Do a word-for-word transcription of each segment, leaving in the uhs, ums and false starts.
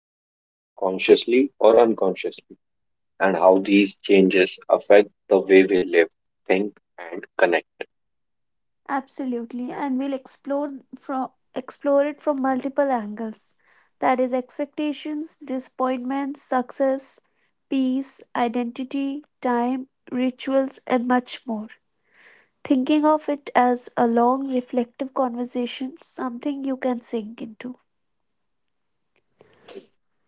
all notice, consciously or unconsciously, and how these changes affect the way we live, think, and connect. Absolutely, and we'll explore from explore it from multiple angles. That is expectations, disappointments, success, peace, identity, time, rituals, and much more. Thinking of it as a long, reflective conversation, something you can sink into.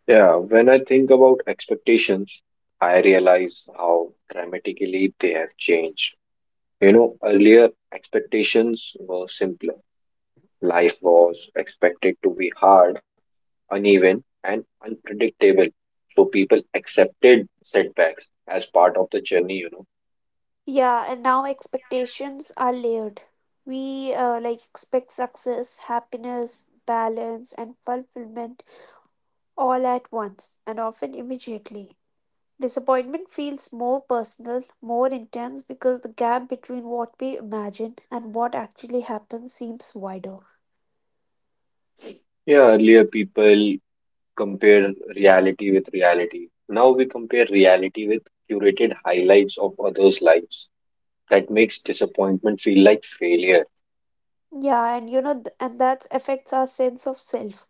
Yeah, when I think about expectations, I realize how dramatically they have changed. You know, earlier expectations were simpler. Life was expected to be hard, uneven, and unpredictable. So people accepted setbacks as part of the journey, you know. Yeah, and now expectations are layered. We uh, like expect success, happiness, balance, and fulfillment all at once and often immediately. Disappointment feels more personal, more intense because the gap between what we imagine and what actually happens seems wider. Yeah, earlier people compare reality with reality. Now we compare reality with curated highlights of others' lives. That makes disappointment feel like failure. Yeah, and you know, th- and that affects our sense of self.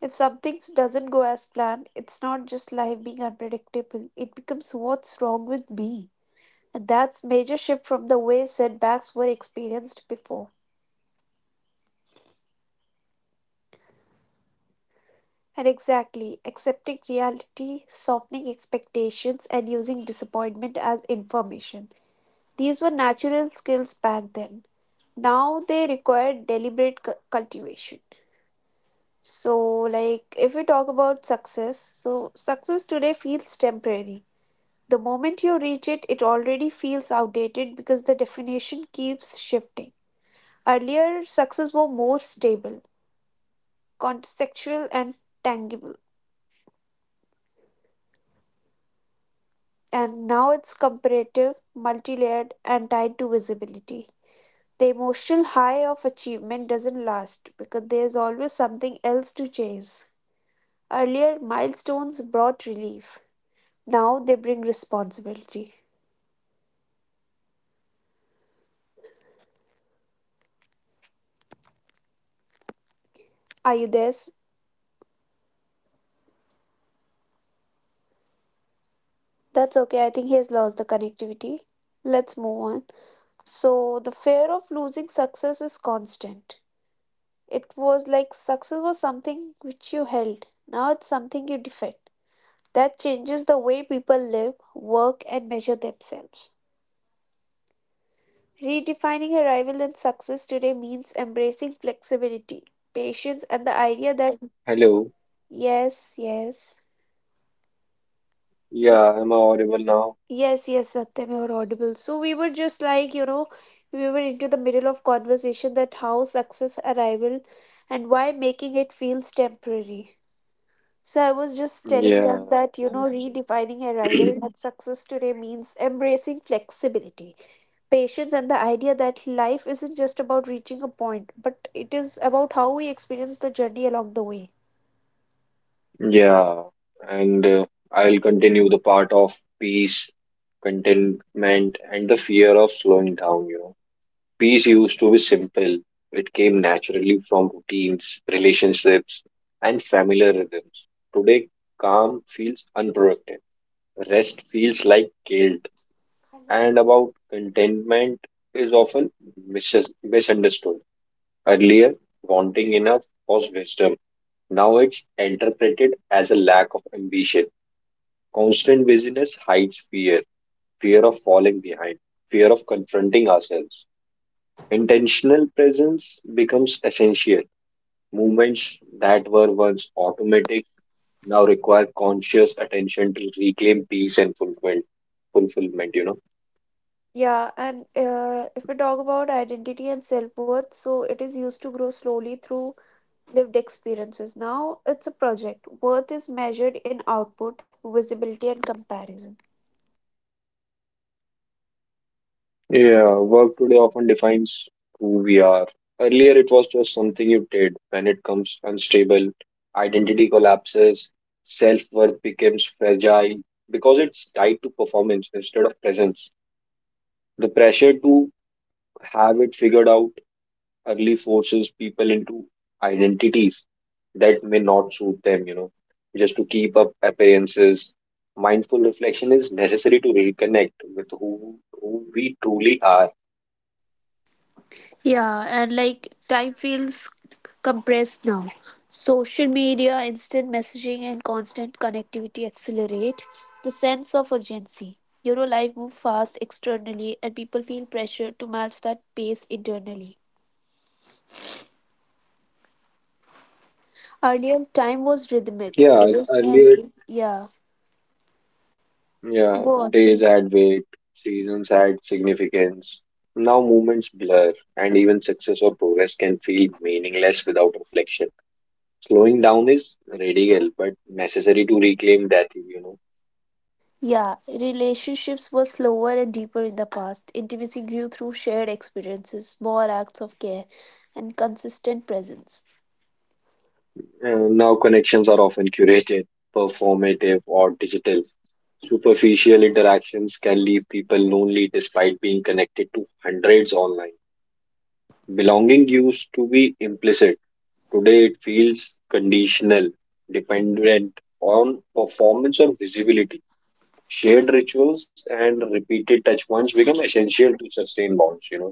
If something doesn't go as planned, it's not just life being unpredictable, it becomes what's wrong with me. And that's major shift from the way setbacks were experienced before. Oh, And actually, exactly, Saloni, accepting your reality, voice is softening not clear. expectations, and using disappointment as information. These were natural skills back then. Now they require deliberate cu- cultivation. So, like, if we talk about success, so success today feels temporary. The moment you reach it, it already feels outdated because the definition keeps shifting. Earlier, success was more stable, contextual, and tangible, and Yeah, now it's now it's comparative, come. multi layered, and tied to visibility. The emotional high of achievement doesn't last because there's always something else to chase. Earlier, milestones brought relief, now they bring responsibility. Yeah, the fear of losing success is constant. Earlier, success was something Are you you there? held. Now it's something you defend. Hello, am I audible? That's okay. I think he has lost the connectivity. Let's move on. So, the Hello, fear of losing hello, success is constant. It was like success was hello, something which you held, now it's something you defend. That changes the way people live, work, and measure themselves. hello, Redefining arrival and success today means embracing flexibility, patience, and the idea that hello. yes, yes, Yeah, yes. am I audible now? Yes, yes, Satyam, you're audible. So we were just like, you know, we were into the middle of conversation that how success arrival and why making it feels temporary. So I was just telling Yeah, them that, you I'm, know, so- redefining arrival at success today means embracing flexibility, patience, and the idea that life isn't just about reaching a point, but it is about how we experience the journey along the way. yeah, and uh, I'll continue the part of peace, contentment, and the fear of slowing down. You know. Peace used to be simple. It came naturally from routines, relationships, and familiar rhythms. Today, calm feels unproductive. Rest feels like guilt, and about contentment is often mis- misunderstood. Earlier, wanting enough was wisdom. Now it's interpreted as a lack of ambition. Constant busyness hides fear, fear of falling behind, fear of confronting ourselves. Intentional presence becomes essential. Movements that were once automatic now require conscious attention to reclaim peace and fulfillment. Fulfillment, you know. Yeah, and uh, if we talk about identity and self worth, so it is used to grow slowly through lived experiences. Now it's a project. Worth is measured in output, visibility, and comparison. Yeah, work today often defines who we are. Earlier, it was just something you did. When it comes unstable, identity collapses, self worth becomes fragile because it's tied to performance instead of presence. The pressure to have it figured out early forces people into identities that may not suit them, you know, just to keep up appearances. Mindful reflection is necessary to reconnect with who, who we truly are. Yeah, and like time feels compressed now. Social media, instant messaging, and constant connectivity accelerate the sense of urgency. You know, life moves fast externally, and people feel pressure to match that pace internally. Earlier, time was rhythmic. Yeah, Days had, earlier yeah, yeah, go on, days please. had weight, seasons had significance. Now moments blur, and even success or progress can feel meaningless without reflection. Slowing down is radical, but necessary to reclaim that, you know. Yeah, relationships were slower and deeper in the past. Intimacy grew through shared experiences, small acts of care, and consistent presence. And now connections are often curated, performative, or digital. Superficial interactions can leave people lonely despite being connected to hundreds online. Belonging used to be implicit. Today it feels conditional, dependent on performance or visibility. Shared rituals and repeated touch points become essential to sustain bonds, you know.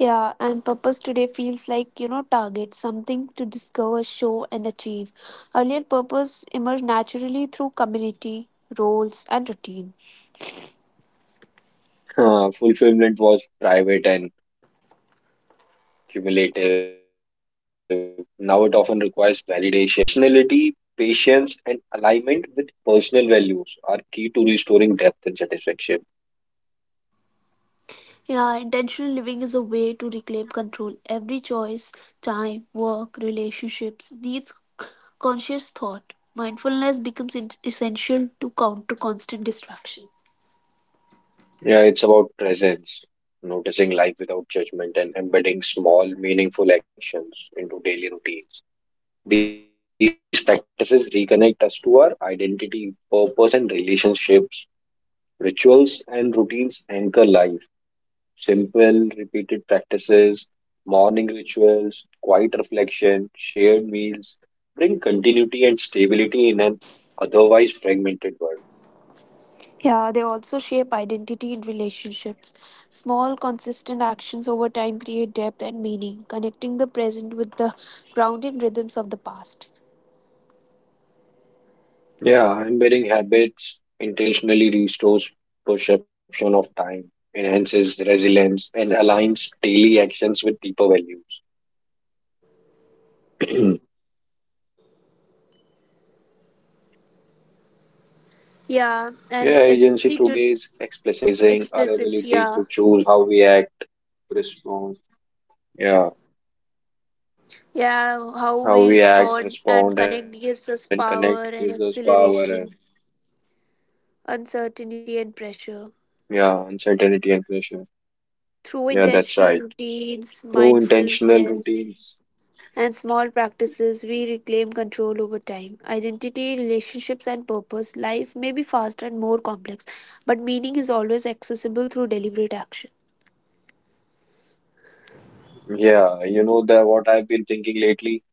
Yeah, and purpose today feels like, you know, target, something to discover, show, and achieve. Earlier, purpose emerged naturally through community, roles, and routine. Uh, fulfillment was private and cumulative. Now it often requires validation, intentionality, patience, and alignment with personal values are key to restoring depth and satisfaction. Yeah, intentional living is a way to reclaim control. Every choice, time, work, relationships needs c- conscious thought. Mindfulness becomes in- essential to counter constant distraction. Yeah, it's about presence, noticing life without judgment, and embedding small, meaningful actions into daily routines. These practices reconnect us to our identity, purpose, and relationships. Rituals and routines anchor life. Simple, repeated practices, morning rituals, quiet reflection, shared meals bring continuity and stability in an otherwise fragmented world. Yeah, they also shape identity in relationships. Small, consistent actions over time create depth and meaning, connecting the present with the grounding rhythms of the past. Yeah, embedding habits intentionally restores perception of time, enhances resilience, and aligns daily actions with deeper values. Yeah, and yeah, agency agency to today is explicit, explicit. Yeah, recognizing our ability to choose how we act, respond. Yeah, Yeah, how we respond how and we connect act, gives us respond, and power connect and gives us power and acceleration, uncertainty and pressure. yeah, uncertainty and pressure. Through Yeah, intentional that's right. routines, Through intentional mindfulness, routines. and small practices, we reclaim control over time. Identity, relationships, and purpose. Life may be faster and more complex, but meaning is always accessible through deliberate action. Yeah, you know that what I've been thinking lately.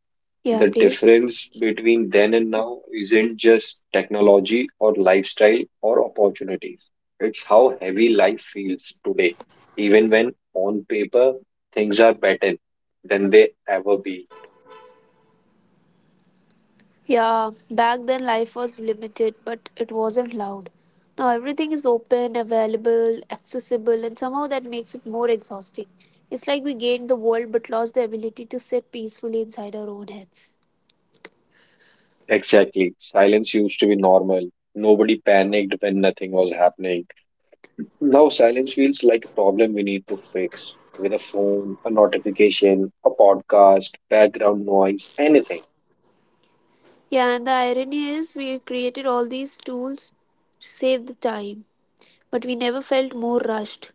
Yeah, The please. difference between then and now isn't just technology or lifestyle or opportunities. It's how heavy life feels today, even when on paper things are better than they ever be. Yeah, back then life was limited, but it wasn't loud. Now everything is open, available, accessible, and somehow that makes it more exhausting. It's like we gained the world but lost the ability to sit peacefully inside our own heads. Exactly. Silence used to be normal. Nobody panicked when nothing was happening. Now silence feels like a problem we need to fix with a phone, a notification, a podcast, background noise, anything. Yeah, and the irony is we created all these tools to save the time, but we never felt more rushed.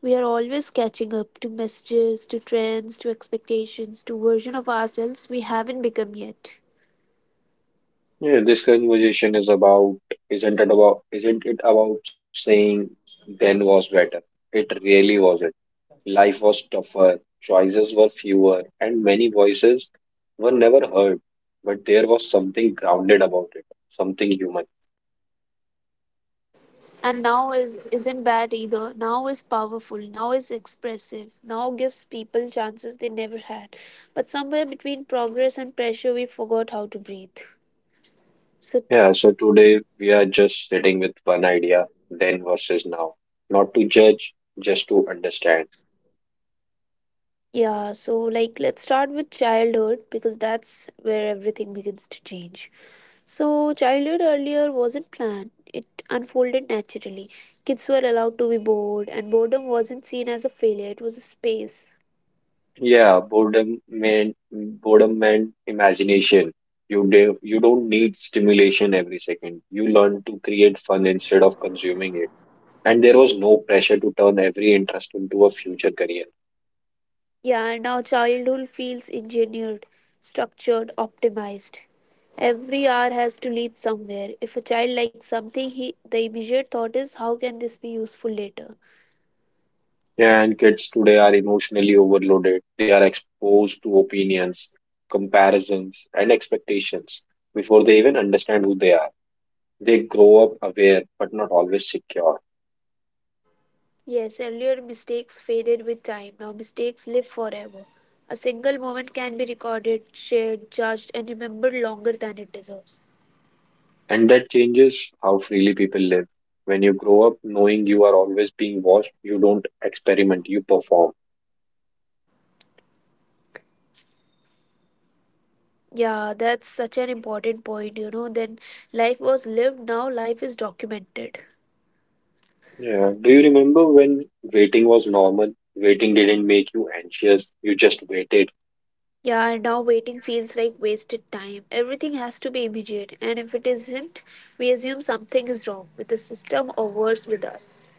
We are always catching up to messages, to trends, to expectations, to version of ourselves we haven't become yet. Yeah, this conversation is about isn't it about isn't it about saying then was better? It really wasn't. Life was tougher, choices were fewer, and many voices were never heard. But there was something grounded about it, something human. And now is isn't bad either, now is powerful, now is expressive, now gives people chances they never had, but somewhere between progress and pressure we forgot how to breathe, so Yeah, so today we are just sitting with one idea, then versus now. Not to judge, just to understand. yeah. So, like, let's start with childhood, because that's where everything begins to change. So childhood earlier wasn't planned, it unfolded naturally. Kids were allowed to be bored, and boredom wasn't seen as a failure, it was a space. Yeah, boredom meant boredom meant imagination. You do, you don't need stimulation every second. You learn to create fun instead of consuming it. And there was no pressure to turn every interest into a future career. Yeah, now childhood feels engineered, structured, optimized. Every hour has to lead somewhere. If a child likes something, he, the immediate thought is, how can this be useful later? Yeah, and kids today are emotionally overloaded. They are exposed to opinions, comparisons, and expectations before they even understand who they are. They grow up aware but not always secure. Yes, earlier mistakes faded with time. Now mistakes live forever. A single moment can be recorded, shared, judged, and remembered longer than it deserves. And that changes how freely people live. When you grow up knowing you are always being watched, you don't experiment, you perform. Yeah, that's such an important point, you know. Then life was lived, now life is documented. Yeah. Do you remember when waiting was normal? Waiting didn't make you anxious, you just waited. Yeah, and now waiting feels like wasted time. Everything has to be immediate, and if it isn't, we assume something is wrong with the system or worse with us.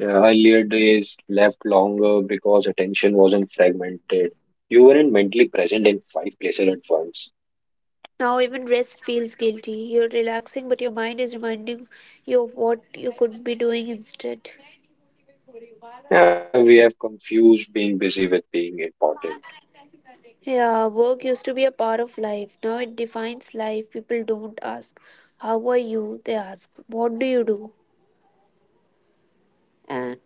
Yeah. Earlier days left longer because attention wasn't fragmented. You weren't mentally present in five places at once. Now, even rest feels guilty. You're relaxing, but your mind is reminding you of what you could be doing instead. Yeah, we have confused being busy with being important. Yeah, work used to be a part of life. Now it defines life. People don't ask, how are you? They ask, what do you do? And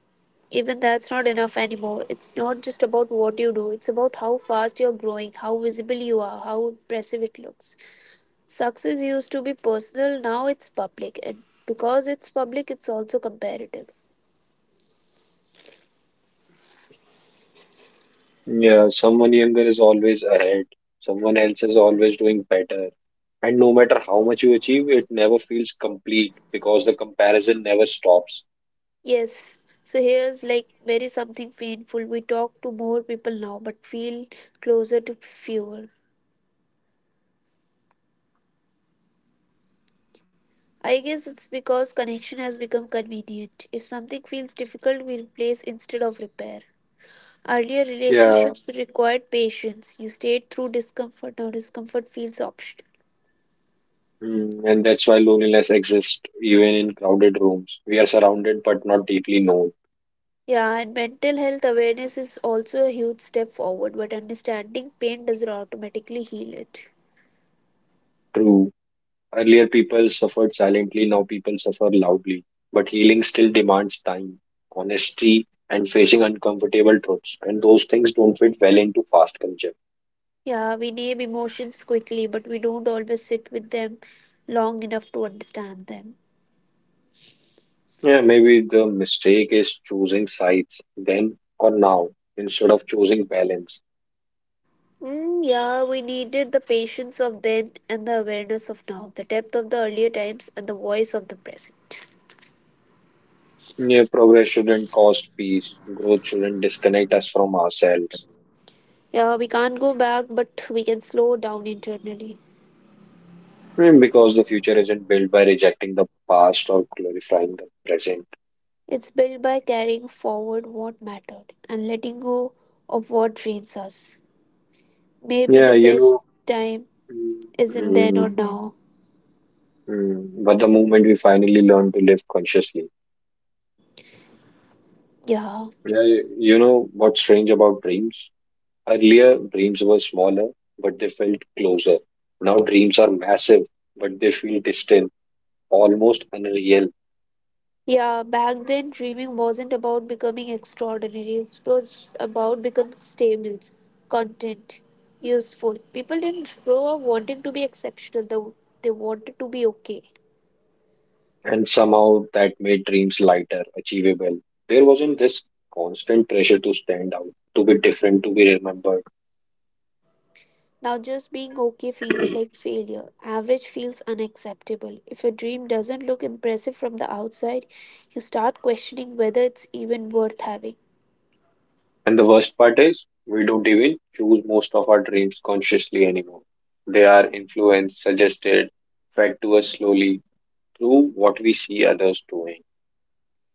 even that's not enough anymore. It's not just about what you do, it's about how fast you're growing, how visible you are, how impressive it looks. Success used to be personal, now it's public, and because it's public, it's also comparative. Yeah, someone younger is always ahead. Someone else is always doing better. And no matter how much you achieve, it never feels complete because the comparison never stops. Yes, so here's like very something painful. We talk to more people now, but feel closer to fewer. I guess it's because connection has become convenient. If something feels difficult, we replace instead of repair. Earlier Yeah. relationships required patience. You stayed through discomfort. Now discomfort feels optional. Mm, and that's why loneliness exists even in crowded rooms. We are surrounded but not deeply known. Yeah, and mental health awareness is also a huge step forward, but understanding pain doesn't automatically heal it. True. Earlier people suffered silently, now people suffer loudly. But healing still demands time, honesty, and facing uncomfortable truths. And those things don't fit well into fast culture. Yeah, we name emotions quickly, but we don't always sit with them long enough to understand them. Yeah, maybe the mistake is choosing sides then or now instead of choosing balance. Mm, yeah, we needed the patience of then and the awareness of now, the depth of the earlier times and the voice of the present. Yeah, progress shouldn't cost peace. Growth shouldn't disconnect us from ourselves. Yeah, we can't go back, but we can slow down internally. Mm, because the future isn't built by rejecting the past or glorifying the present. It's built by carrying forward what mattered and letting go of what drains us. Maybe the Yeah, you best know, time mm, isn't then or mm, now. mm, but the moment we finally learn to live consciously, Yeah. yeah, you you know what's strange about dreams? Earlier, dreams were smaller, but they felt closer. Now, dreams are massive, but they feel distant, almost unreal. Yeah, back then dreaming wasn't about becoming extraordinary. It was about becoming stable, content, useful. People didn't grow up wanting to be exceptional. They, they wanted to be okay. And somehow that made dreams lighter, achievable. There wasn't this constant pressure to stand out, to be different, to be remembered. Now, just being okay feels like failure. Average feels unacceptable. If your dream doesn't look impressive from the outside, you start questioning whether it's even worth having. And the worst part is, we don't even choose most of our dreams consciously anymore. They are influenced, suggested, fed to us slowly through what we see others doing.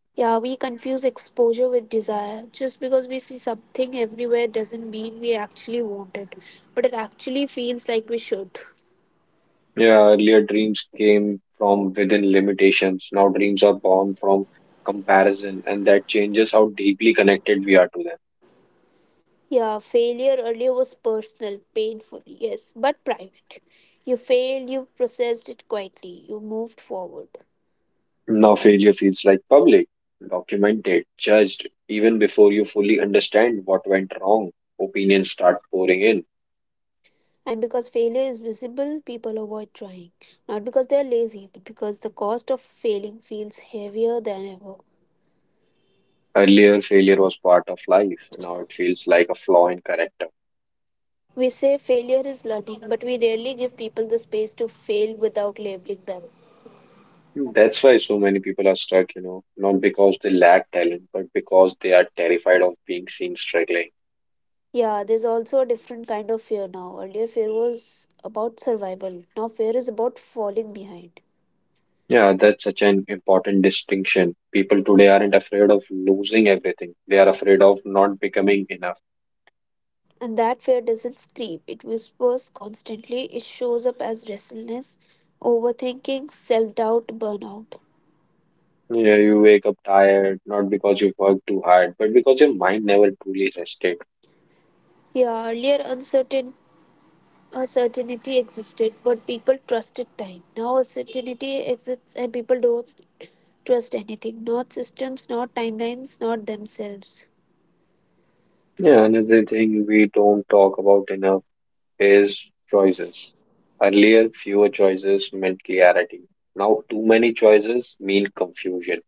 Yeah, we confuse exposure with desire. Just because we see something everywhere doesn't mean we actually want it, but it actually feels like we should. Yeah, earlier dreams came from within limitations. Now dreams are born from comparison, and that changes how deeply connected we are to them. Yeah, failure earlier was personal, painful, yes, but private. You failed, you processed it quietly, you moved forward. Now failure feels like public, documented, judged, even before you fully understand what went wrong. Opinions start pouring in. And because failure is visible, people avoid trying. Not because they are lazy, but because the cost of failing feels heavier than ever. Earlier, failure was part of life. Now it feels like a flaw in character. We say failure is learning, but we rarely give people the space to fail without labeling them. Hmm, that's why so many people are stuck, you know, not because they lack talent, but because they are terrified of being seen struggling. Yeah, there's also a different kind of fear now. Earlier, fear was about survival. Now, fear is about falling behind. Yeah, that's such an important distinction. People today aren't afraid of losing everything. They are afraid of not becoming enough. And that fear doesn't scream, it whispers constantly. It shows up as restlessness, overthinking, self doubt, burnout. Yeah, you wake up tired, not because you worked too hard, but because your mind never truly rested. Yeah, earlier uncertain. A certainty existed, but people trusted time. Now a certainty exists and people don't trust anything. Not systems, not timelines, not themselves. Yeah, another thing we don't talk about enough is choices. Earlier, fewer choices meant clarity. Now, too many choices mean confusion.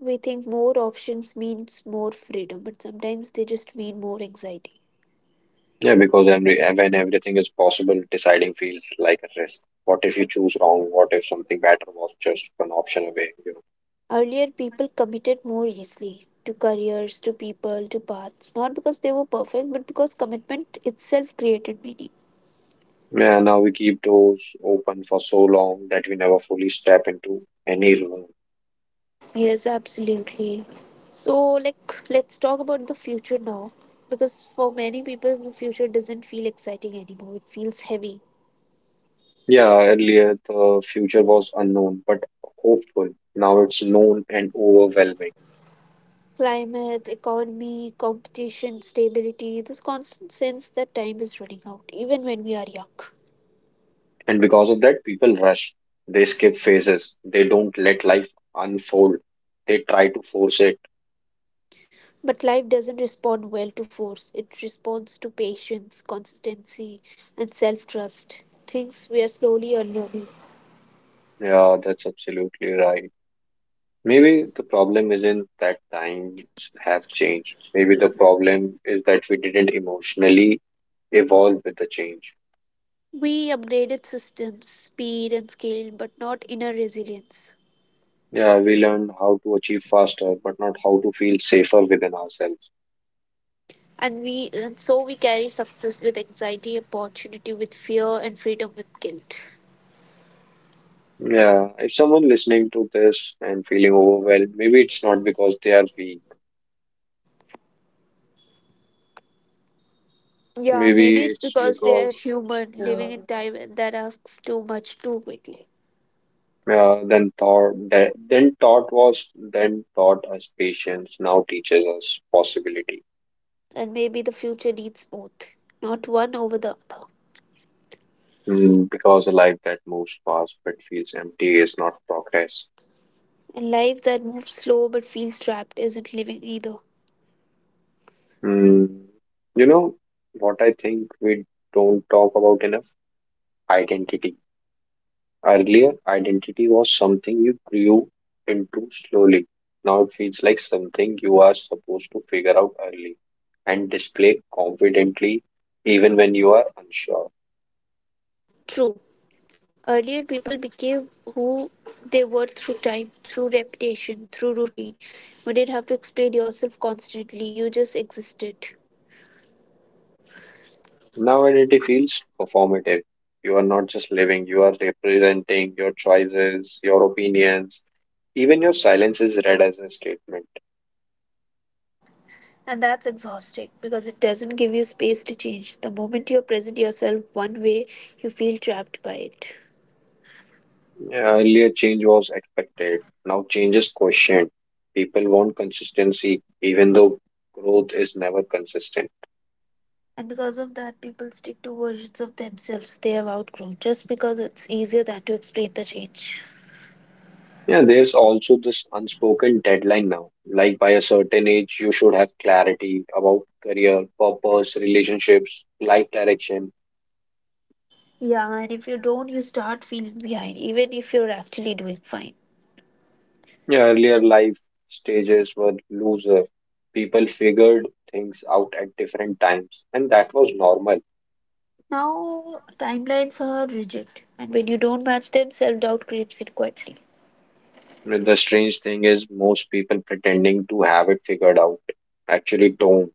We think more options means more freedom, but sometimes they just mean more anxiety. Yeah, because every, when everything is possible, deciding feels like a risk. What if you choose wrong? What if something better was just one option away? You Earlier people committed more easily to careers, to people, to paths, not because they were perfect, but because commitment itself created meaning. know. Yeah, now we keep doors open for so long that we never fully step into any room. Yes, absolutely. So, like, let's talk about the future now. Because for many people, the future doesn't feel exciting anymore. It feels heavy. Yeah, earlier the future was unknown but hopeful. Now it's known and overwhelming. Climate, economy, competition, stability, this constant sense that time is running out, even when we are young. And because of that, people rush. They skip phases. They don't let life unfold. They try to force it. But life doesn't respond well to force, it responds to patience, consistency, and self trust. Things we are slowly unlearning. Yeah, that's absolutely right. Maybe the problem isn't that times have changed. Maybe the problem is that we didn't emotionally evolve with the change. We upgraded systems, speed, and scale, but not inner resilience. Yeah, we learned how to achieve faster, but not how to feel safer within ourselves. And we and so we carry success with anxiety, opportunity with fear, and freedom with guilt. Yeah, if someone listening to this and feeling overwhelmed, maybe it's not because they are weak. Yeah, Maybe maybe it's it's because they are because human, yeah, living in time and that asks too much too quickly. yeah then thought that then thought was then taught us patience, now teaches us possibility. And maybe the future needs both, not one over the other. Mm, because a life that moves fast but feels empty is not progress. And life that moves slow but feels trapped isn't living either. Mm, you know what I think we don't talk about enough? Identity. Earlier, identity was something you grew into slowly. Now it feels like something you are supposed to figure out early and display confidently even when you are unsure. True. Earlier people became who they were through time, through reputation, through routine. You didn't have to explain yourself constantly, you just existed. Now identity feels performative. You are not just living, you are representing your choices, your opinions. Even your silence is read as a statement. And that's exhausting because it doesn't give you space to change. The moment you present yourself one way, you feel trapped by it. Yeah, earlier, change was expected. Now, change is questioned. People want consistency, even though growth is never consistent. And because of that, people stick to versions of themselves they have outgrown just because it's easier than to explain the change. Yeah, there's also this unspoken deadline now. Like by a certain age, you should have clarity about career, purpose, relationships, life direction. Yeah, and if you don't, you start feeling behind, even if you're actually doing fine. Yeah, earlier life stages were looser. People figured things out at different times, and that was normal. Now, timelines are rigid, and when you don't match them, self doubt creeps in quietly. And the strange thing is, most people pretending to have it figured out actually don't.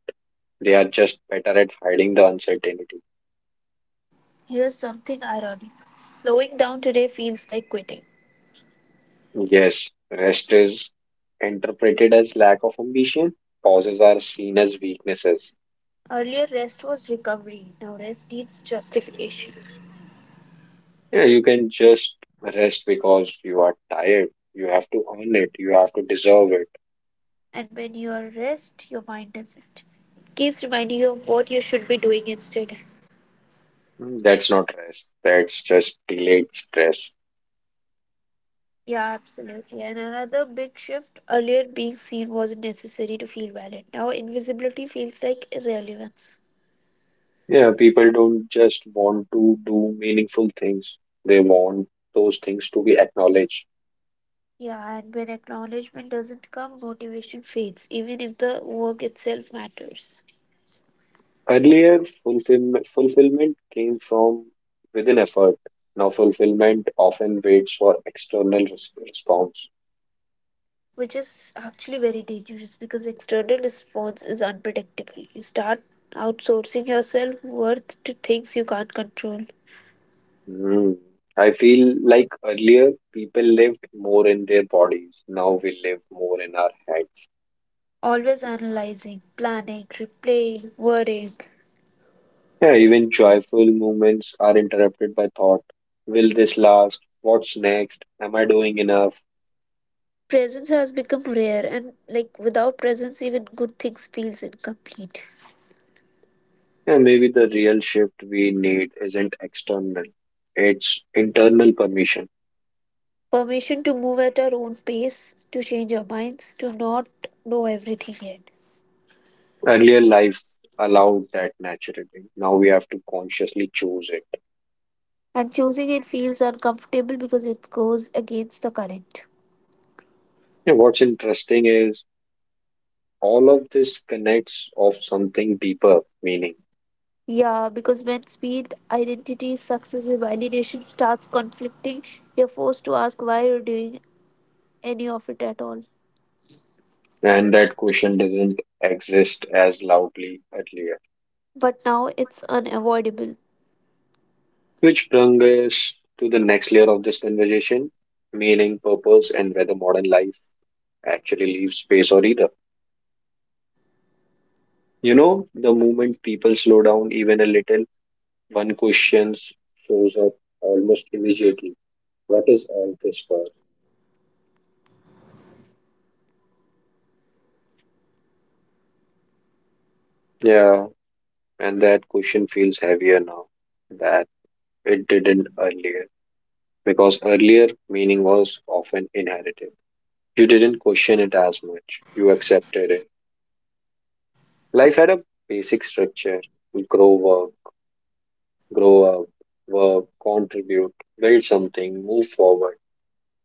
They are just better at hiding the uncertainty. Here's something ironic, slowing down today feels like quitting. Yes, rest is interpreted as lack of ambition, pauses are seen as weaknesses. Earlier, rest was recovery. Now, rest needs justification. Yeah, you can just rest because you are tired. You have to earn it, you have to deserve it. And when you are rest, your mind doesn't. Keeps reminding you of what you should be doing instead. Mm, that's not rest, that's just delayed stress. Yeah, absolutely. And another big shift, earlier, being seen wasn't necessary to feel valid. Now, invisibility feels like irrelevance. Yeah, people don't just want to do meaningful things, they want those things to be acknowledged. Yeah, and when acknowledgement doesn't come, motivation fades, even if the work itself matters. Earlier, fulfillment, fulfillment came from within effort. Now, fulfillment often waits for external res- response. Which is actually very dangerous because external response is unpredictable. You start outsourcing yourself worth to things you can't control. Hmm. I feel like earlier people lived more in their bodies. Now we live more in our heads. Always analyzing, planning, replaying, worrying. Yeah, even joyful moments are interrupted by thought. Will this last? What's next? Am I doing enough? Presence has become rare, and like without presence, even good things feels incomplete. Yeah, maybe the real shift we need isn't external, it's internal permission. Permission to move at our own pace, to change our minds, to not know everything yet. Earlier life allowed that naturally. Now we have to consciously choose it. And choosing it feels uncomfortable because it goes against the current. And what's interesting is all of this connects of something deeper meaning. Yeah, because when speed, identity, success, and validation starts conflicting, you're forced to ask why you're doing any of it at all. And that question doesn't exist as loudly earlier. But now it's unavoidable. Which brings us to the next layer of this conversation meaning, purpose, and whether modern life actually leaves space or either. You know, the moment people slow down even a little, one question shows up almost immediately. What is all this for? Yeah, and that question feels heavier now that it didn't earlier, because earlier meaning was often inherited. You didn't question it as much, you accepted it. Life had a basic structure grow work, grow up, work, contribute, build something, move forward.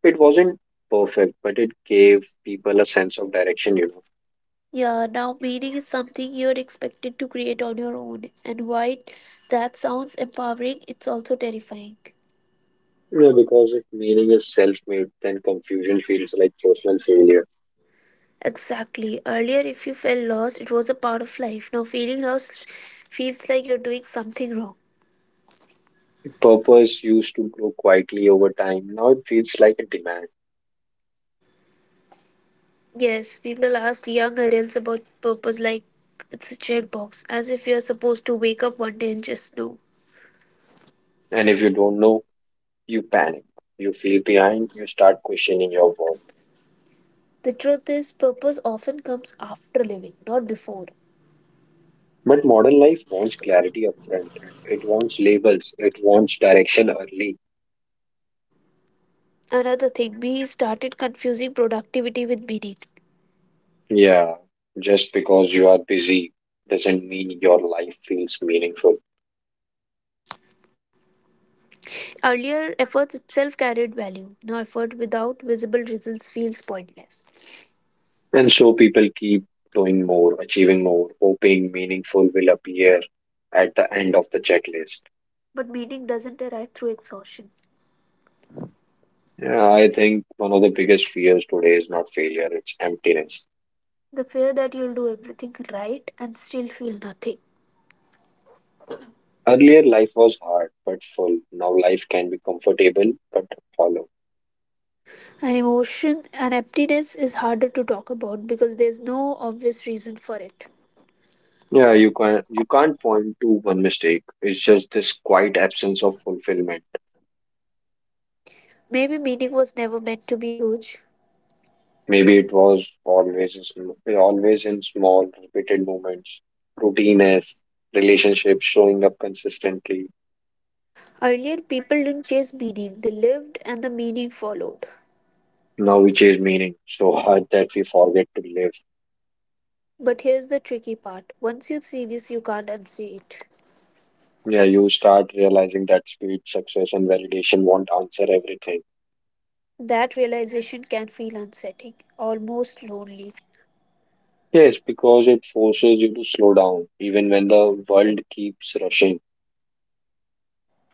It wasn't perfect, but it gave people a sense of direction, you know. Yeah, now meaning is something you're expected to create on your own. And while that sounds empowering, it's also terrifying. Yeah, because if meaning is self made, then confusion feels like personal failure. Exactly. Earlier, if you felt lost, it was a part of life. Now, feeling lost feels like you're doing something wrong. Purpose used to grow quietly over time. Now it feels like a demand. Yes, people ask young adults about purpose like it's a checkbox, as if you're supposed to wake up one day and just know. And if you don't know, you panic. You feel behind, you start questioning your work. The truth is, purpose often comes after living, not before. But modern life wants clarity upfront. It wants labels. It wants direction early. Another thing, we started confusing productivity with meaning. Yeah, just because you are busy doesn't mean your life feels meaningful. Earlier, efforts itself carried value. Now, effort without visible results feels pointless. And so people keep doing more, achieving more, hoping meaningful will appear at the end of the checklist. But meaning doesn't arrive through exhaustion. Yeah, I think one of the biggest fears today is not failure, it's emptiness. The fear that you'll do everything right and still feel nothing. Earlier, life was hard but full. Now, life can be comfortable but hollow. An emotion, an emptiness is harder to talk about because there's no obvious reason for it. Yeah, you can't you can't point to one mistake. It's just this quiet absence of fulfillment. Maybe meaning was never meant to be huge. Maybe it was always in sm- always in small, repeated moments, routines, relationships showing up consistently. Earlier, people didn't chase meaning, they lived and the meaning followed. Now we chase meaning so hard that we forget to live. But here's the tricky part, once you see this, you can't unsee it. Yeah, you start realizing that speed, success, and validation won't answer everything. That realization can feel unsettling, almost lonely. Yes, because it forces you to slow down, even when the world keeps rushing.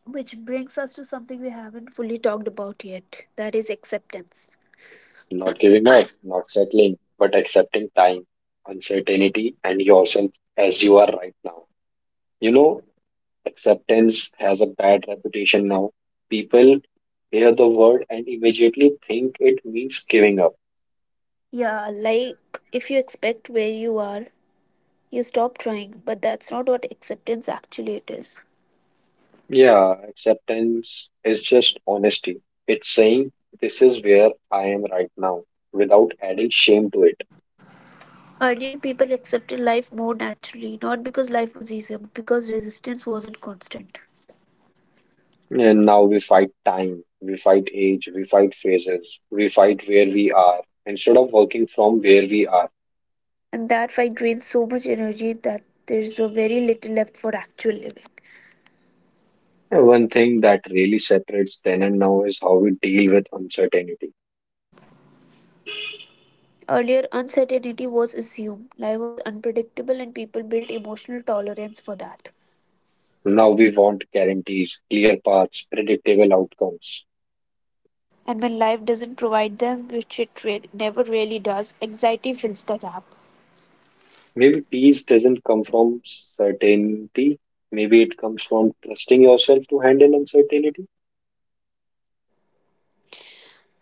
Which brings us to something we haven't fully talked about yet, that is acceptance. Not giving up, not settling, but accepting time, uncertainty, and yourself as you are right now. You know, acceptance has a bad reputation now. People hear the word and immediately think it means giving up. Yeah, like if you expect where you are, you stop trying, but that's not what acceptance actually it is. Yeah, acceptance is just honesty. It's saying, this is where I am right now, without adding shame to it. Earlier, people accepted life more naturally, not because life was easier, but because resistance wasn't constant. And now we fight time, we fight age, we fight phases, we fight where we are, instead of working from where we are. And that fight drains so much energy that there's so very little left for actual living. And one thing that really separates then and now is how we deal with uncertainty. Earlier, uncertainty was assumed, life was unpredictable, and people built emotional tolerance for that. Now we want guarantees, clear paths, predictable outcomes. And when life doesn't provide them, which it re- never really does, anxiety fills the gap. Maybe peace doesn't come from certainty. Maybe it comes from trusting yourself to handle uncertainty.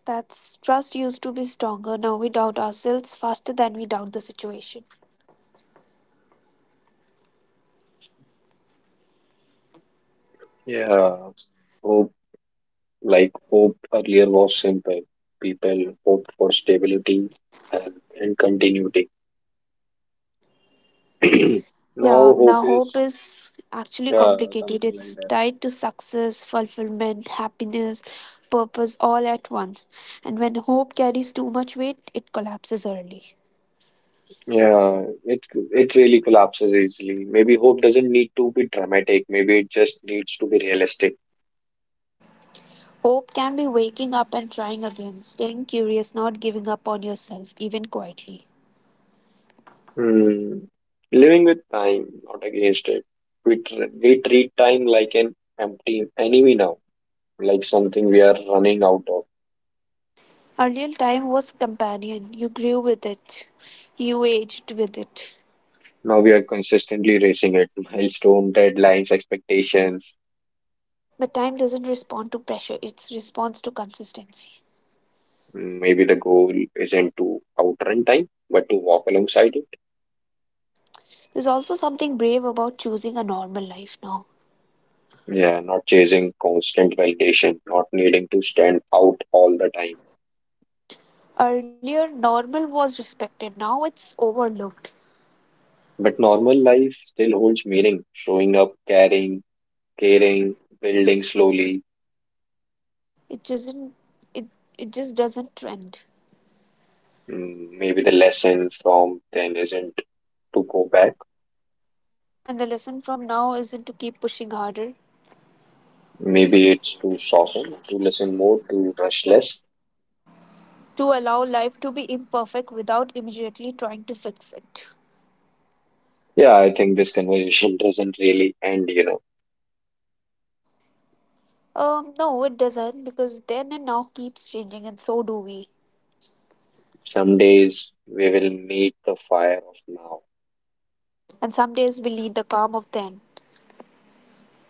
That's trust used to be stronger. Now we doubt ourselves faster than we doubt the situation. Yeah, hope, like hope earlier was simple. People hoped for stability, health, and continuity. Yeah, Now hope now hope is is actually yeah complicated. something like It's that. tied to success, fulfillment, happiness, purpose all at once. And when hope carries too much weight, it collapses early. Yeah, it it really collapses easily. Maybe hope doesn't need to be dramatic. Maybe it just needs to be realistic. Hope can be waking up and trying again, staying curious, not giving up on yourself, even quietly. Hmm. Living with time, not against it. We, tr- we treat time like an empty enemy now, like something we are running out of. Earlier time was companion. You grew with it. You aged with it. Now we are consistently racing it. Milestone, deadlines, expectations. But time doesn't respond to pressure, it responds to consistency. Mm, maybe the goal isn't to outrun time, but to walk alongside it. There's also something brave about choosing a normal life now. Yeah, not chasing constant validation, not needing to stand out all the time. Earlier, normal was respected. Now it's overlooked. But normal life still holds meaning, showing up, caring, caring, building slowly. It doesn't. It it just doesn't trend. Mm, maybe the lesson from then isn't to go back. And the lesson from now isn't to keep pushing harder, Maybe it's to soften, to listen more, to rush less. to allow life to be imperfect without immediately trying to fix it. Yeah, I think this conversation doesn't really end, you know. Um, no, it doesn't, because then and now keeps changing, and so do we. Some days we will meet the fire of now. And some days we need the calm of then,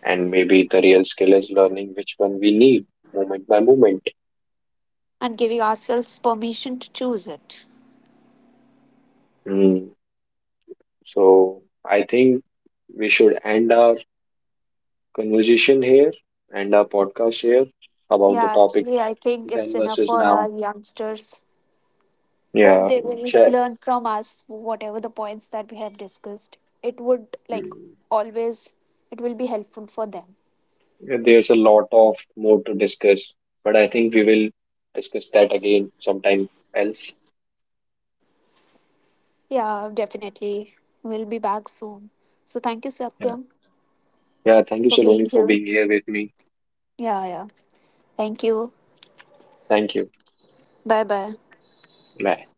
And maybe the real skill is learning which one we need, moment by moment. and giving ourselves permission to choose it. Mm. So I think we should end our conversation here, end our podcast here about the Yeah, topic actually, I think it's then enough versus for our now. youngsters. Hope Yeah, they will share. learn from us whatever the points that we have discussed. It would, like Mm. always, it will be helpful for them. There's a lot of more to discuss, but I think we will discuss that again sometime else. Yeah, definitely. We'll be back soon. So thank you, Yeah. Satyam, Yeah, thank you, for being Saloni, for here. being here with me. Yeah, yeah. Thank you. Thank you. Bye bye. Bye.